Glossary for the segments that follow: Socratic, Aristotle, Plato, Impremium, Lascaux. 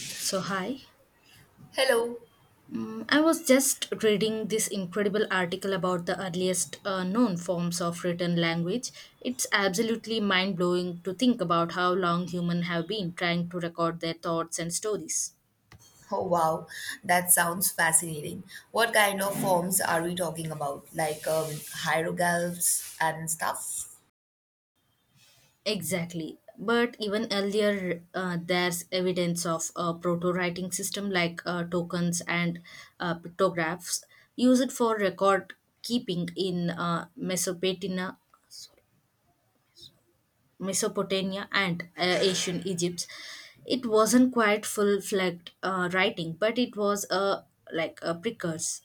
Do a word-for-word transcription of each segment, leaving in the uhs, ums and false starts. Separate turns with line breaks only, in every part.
So, hi.
Hello.
Mm, I was just reading this incredible article about the earliest uh, known forms of written language. It's absolutely mind blowing to think about how long humans have been trying to record their thoughts and stories.
Oh, wow. That sounds fascinating. What kind of forms are we talking about? Like um, hieroglyphs and stuff?
Exactly. But even earlier, uh, there's evidence of a proto writing system like uh, tokens and uh, pictographs used for record keeping in uh, Mesopotamia Mesopotamia and uh, ancient Egypt. It wasn't quite full-fledged uh, writing, but it was a like a precursor.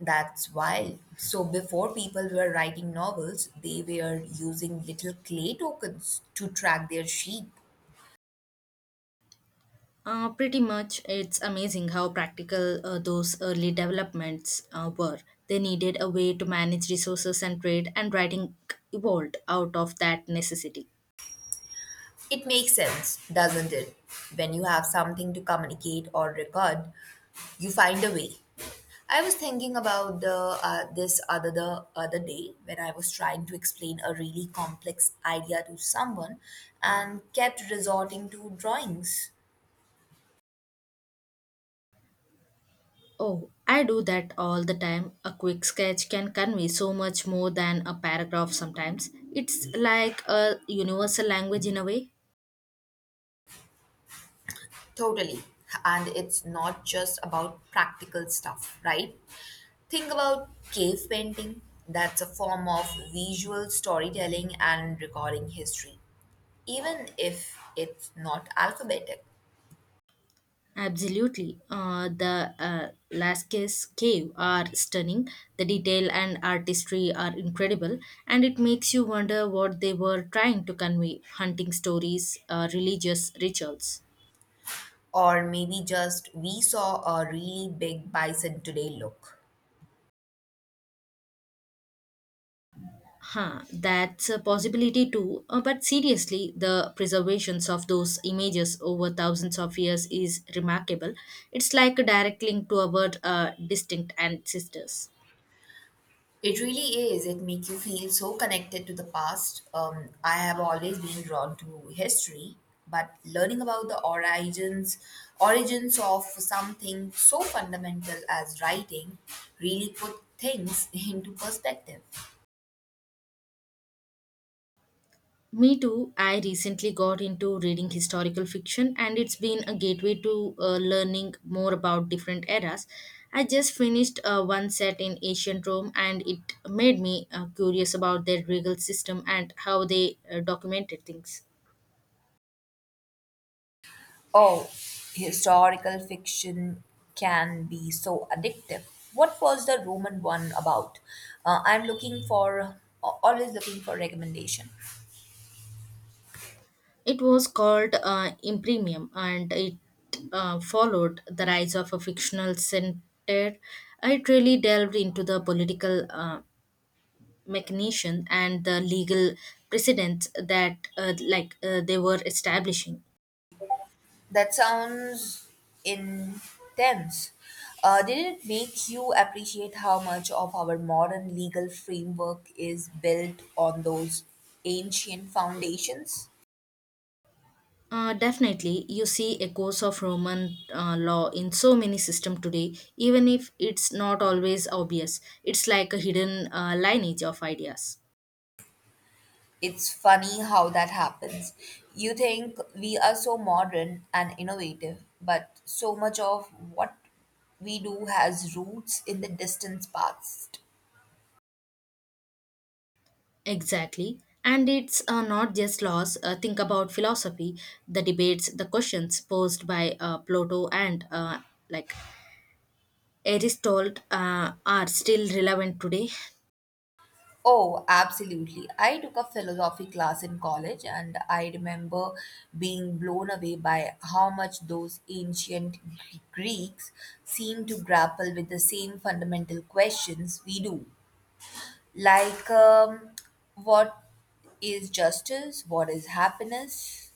That's wild. So, before people were writing novels, they were using little clay tokens to track their sheep.
Uh, pretty much, it's amazing how practical uh, those early developments uh, were. They needed a way to manage resources and trade, and writing evolved out of that necessity.
It makes sense, doesn't it? When you have something to communicate or record, you find a way. I was thinking about the uh, this other the other day when I was trying to explain a really complex idea to someone and kept resorting to drawings.
Oh, I do that all the time. A quick sketch can convey so much more than a paragraph sometimes. It's like a universal language in a way.
Totally. And it's not just about practical stuff, right? Think about cave painting. That's a form of visual storytelling and recording history, even if it's not alphabetic.
Absolutely. Uh, the uh, Lascaux cave are stunning. The detail and artistry are incredible, and it makes you wonder what they were trying to convey hunting stories, uh, religious rituals.
Or maybe just, "We saw a really big bison today, look."
Huh, that's a possibility too. Uh, but seriously, the preservations of those images over thousands of years is remarkable. It's like a direct link to our uh, distinct ancestors.
It really is. It makes you feel so connected to the past. Um, I have always been drawn to history, but learning about the origins origins of something so fundamental as writing really put things into perspective.
Me too. I recently got into reading historical fiction, and it's been a gateway to uh, learning more about different eras. I just finished uh, one set in ancient Rome, and it made me uh, curious about their regal system and how they uh, documented things.
Oh, historical fiction can be so addictive. What was the Roman one about? Uh, I'm looking for, uh, always looking for recommendation.
It was called uh, Impremium, and it uh, followed the rise of a fictional center. It really delved into the political uh, mechanism and the legal precedents that uh, like uh, they were establishing.
That sounds intense. Uh, did it make you appreciate how much of our modern legal framework is built on those ancient foundations?
Uh, definitely, you see echoes of Roman uh, law in so many systems today, even if it's not always obvious. It's like a hidden uh, lineage of ideas.
It's funny how that happens. You think we are so modern and innovative, but so much of what we do has roots in the distant past.
Exactly. And it's uh, not just laws. Uh, think about philosophy, the debates, the questions posed by uh, Plato and uh, like Aristotle uh, are still relevant today.
Oh, absolutely. I took a philosophy class in college and I remember being blown away by how much those ancient Gre- Greeks seemed to grapple with the same fundamental questions we do. Like, um, what is justice? What is happiness?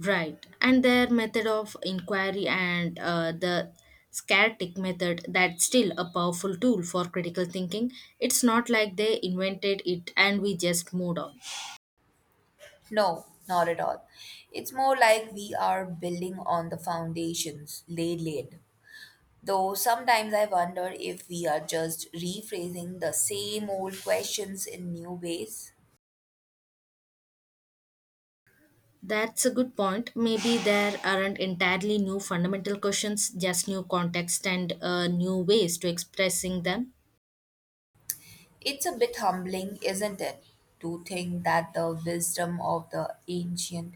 Right. And their method of inquiry and uh, the scartic method, that's still a powerful tool for critical thinking. It's not like they invented it and we just moved on.
No, not at all. It's more like we are building on the foundations laid laid. Though sometimes I wonder if we are just rephrasing the same old questions in new ways.
That's a good point. Maybe there aren't entirely new fundamental questions, just new context and uh, new ways to expressing them.
It's a bit humbling, isn't it, to think that the wisdom of the ancient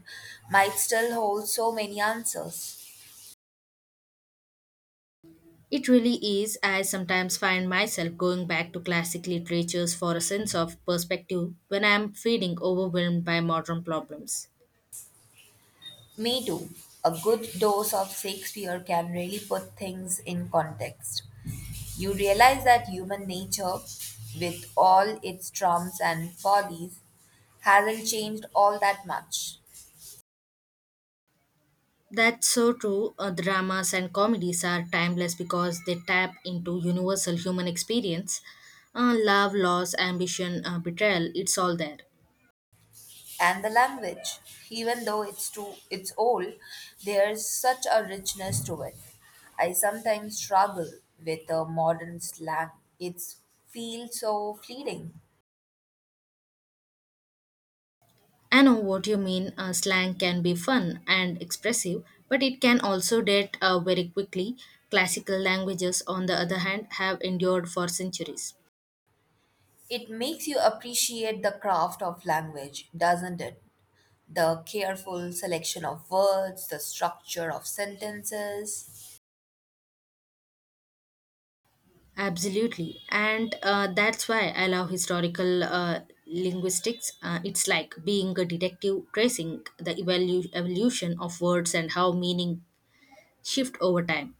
might still hold so many answers?
It really is. I sometimes find myself going back to classic literatures for a sense of perspective when I'm feeling overwhelmed by modern problems.
Me too. A good dose of Shakespeare can really put things in context. You realize that human nature, with all its trumps and follies, hasn't changed all that much.
That's so true. Uh, dramas and comedies are timeless because they tap into universal human experience, uh, love, loss, ambition, uh, betrayal, it's all there.
And the language, even though it's too it's old, there's such a richness to it. I sometimes struggle with the modern slang. It's feels so fleeting.
I know what you mean. Uh, slang can be fun and expressive, but it can also date uh, very quickly. Classical languages, on the other hand, have endured for centuries.
It makes you appreciate the craft of language, doesn't it? The careful selection of words, the structure of sentences.
Absolutely. And uh, that's why I love historical uh, linguistics. Uh, it's like being a detective tracing the evolu- evolution of words and how meaning shift over time.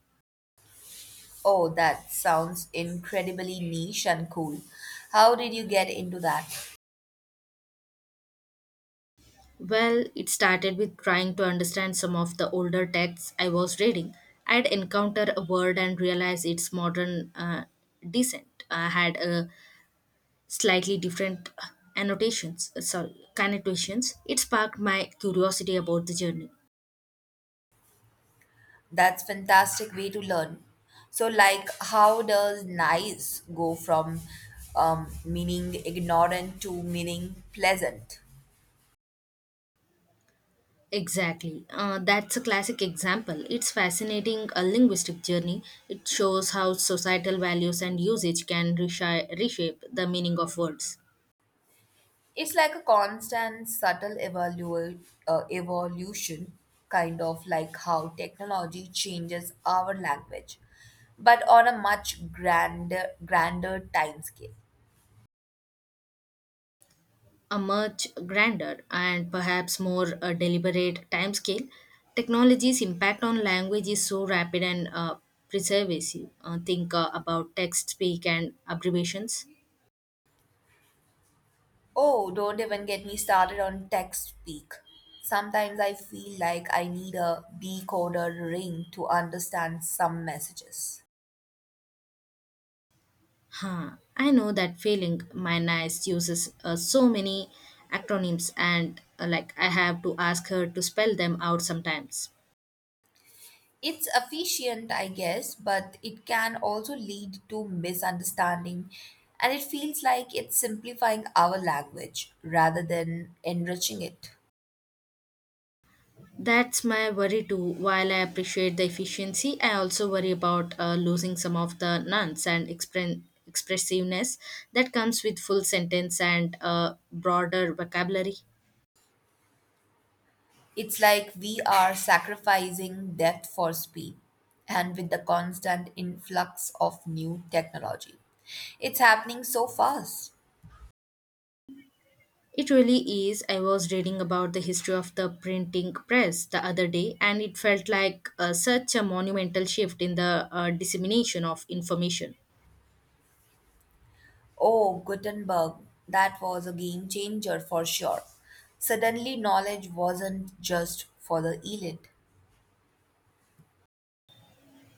Oh, that sounds incredibly niche and cool. How did you get into that?
Well, it started with trying to understand some of the older texts I was reading. I'd encounter a word and realize its modern uh, descent uh, had a slightly different uh, annotations, uh, sorry, connotations. It sparked my curiosity about the journey.
That's fantastic way to learn. So, like, how does nice go from um, meaning ignorant to meaning pleasant?
Exactly. Uh, that's a classic example. It's fascinating, a linguistic journey. It shows how societal values and usage can reshape, reshape the meaning of words.
It's like a constant, subtle evolu- uh, evolution, kind of like how technology changes our language, but on a much grander, grander time scale.
A much grander and perhaps more uh, deliberate timescale, technology's impact on language is so rapid and uh, pervasive. Uh, think uh, about text speak and abbreviations.
Oh, don't even get me started on tech speak. Sometimes I feel like I need a decoder ring to understand some messages.
Huh. I know that feeling. My niece uses uh, so many acronyms, and uh, like I have to ask her to spell them out sometimes.
It's efficient, I guess, but it can also lead to misunderstanding, and it feels like it's simplifying our language rather than enriching it.
That's my worry too. While I appreciate the efficiency, I also worry about uh, losing some of the nuance and expre- expressiveness that comes with full sentence and uh, broader vocabulary.
It's like we are sacrificing depth for speed, and with the constant influx of new technology, it's happening so fast.
It really is. I was reading about the history of the printing press the other day, and it felt like uh, such a monumental shift in the uh, dissemination of information.
Oh, Gutenberg, that was a game changer for sure. Suddenly, knowledge wasn't just for the elite.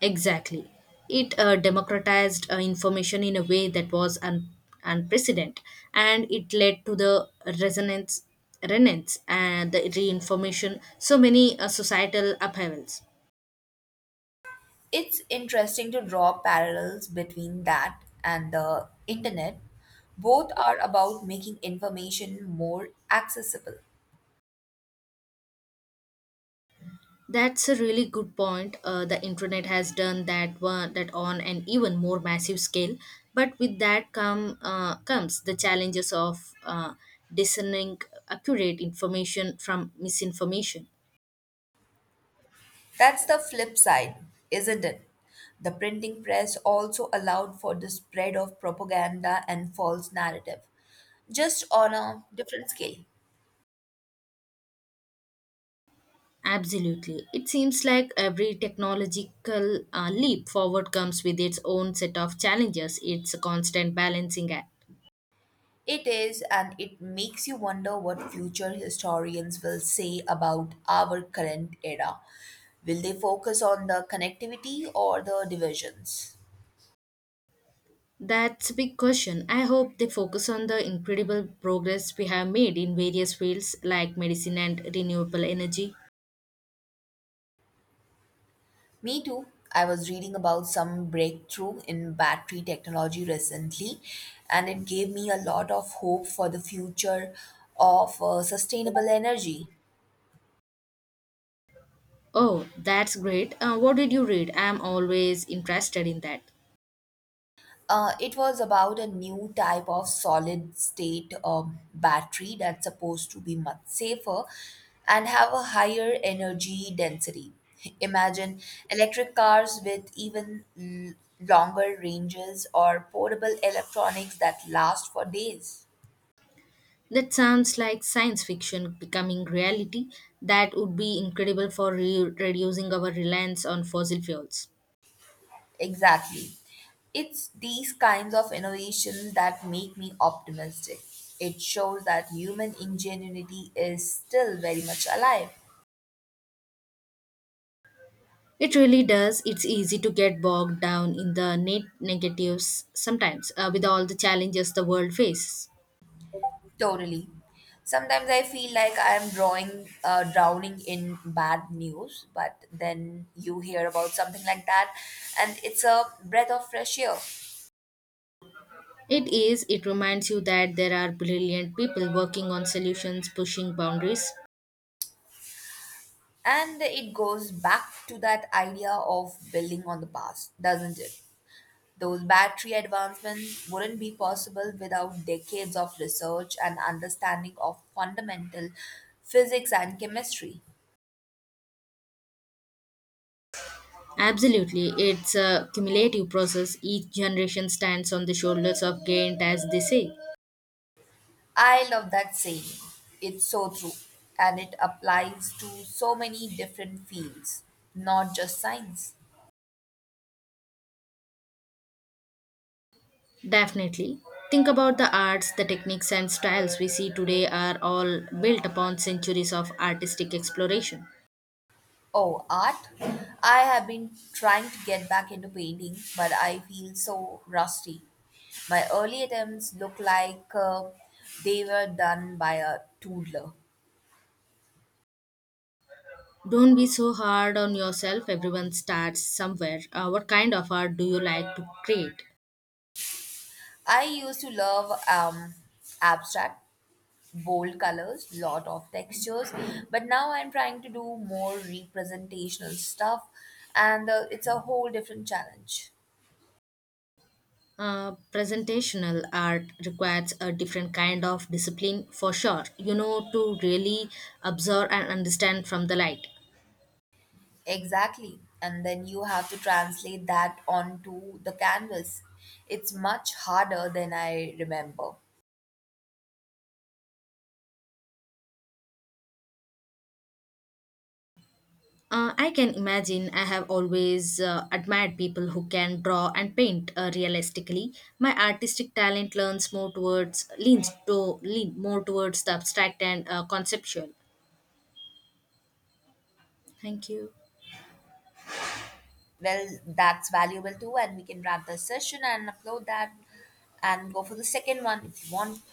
Exactly. It uh, democratized uh, information in a way that was un- unprecedented, and it led to the resonance, renance, and the reinformation, so many uh, societal upheavals.
It's interesting to draw parallels between that and the internet. Both are about making information more accessible.
That's a really good point. Uh, the internet has done that one that on an even more massive scale, but with that come uh, comes the challenges of uh, discerning accurate information from misinformation.
That's the flip side, isn't it? The printing press also allowed for the spread of propaganda and false narrative, just on a different scale.
Absolutely, it seems like every technological uh, leap forward comes with its own set of challenges. It's a constant balancing act.
It is, and it makes you wonder what future historians will say about our current era. Will they focus on the connectivity or the divisions?
That's a big question. I hope they focus on the incredible progress we have made in various fields like medicine and renewable energy.
Me too. I was reading about some breakthrough in battery technology recently, and it gave me a lot of hope for the future of uh, sustainable energy.
Oh, that's great. Uh, what did you read? I'm always interested in that.
Uh, it was about a new type of solid state um, battery that's supposed to be much safer and have a higher energy density. Imagine electric cars with even l- longer ranges or portable electronics that last for days.
That sounds like science fiction becoming reality. That would be incredible for re- reducing our reliance on fossil fuels.
Exactly. It's these kinds of innovations that make me optimistic. It shows that human ingenuity is still very much alive.
It really does. It's easy to get bogged down in the net negatives sometimes uh, with all the challenges the world faces.
Totally. Sometimes I feel like I'm drawing, uh, drowning in bad news, but then you hear about something like that, and it's a breath of fresh air.
It is, it reminds you that there are brilliant people working on solutions, pushing boundaries.
And it goes back to that idea of building on the past, doesn't it? Those battery advancements wouldn't be possible without decades of research and understanding of fundamental physics and chemistry.
Absolutely, it's a cumulative process. Each generation stands on the shoulders of giant, as they say.
I love that saying. It's so true. And it applies to so many different fields, not just science.
Definitely. Think about the arts, the techniques, and styles we see today are all built upon centuries of artistic exploration.
Oh, art. I have been trying to get back into painting, but I feel so rusty. My early attempts look like uh, they were done by a toddler.
Don't be so hard on yourself, everyone starts somewhere. Uh, what kind of art do you like to create?
I used to love um, abstract, bold colors, lot of textures. But now I'm trying to do more representational stuff, and uh, it's a whole different challenge.
Uh, presentational art requires a different kind of discipline for sure, you know, to really observe and understand from the light.
Exactly. And then you have to translate that onto the canvas. It's much harder than I remember.
Uh, I can imagine, I have always uh, admired people who can draw and paint uh, realistically. My artistic talent learns more towards leans to lean more towards the abstract and uh, conceptual. Thank you.
Well, that's valuable too, and we can wrap the session and upload that and go for the second one if you want.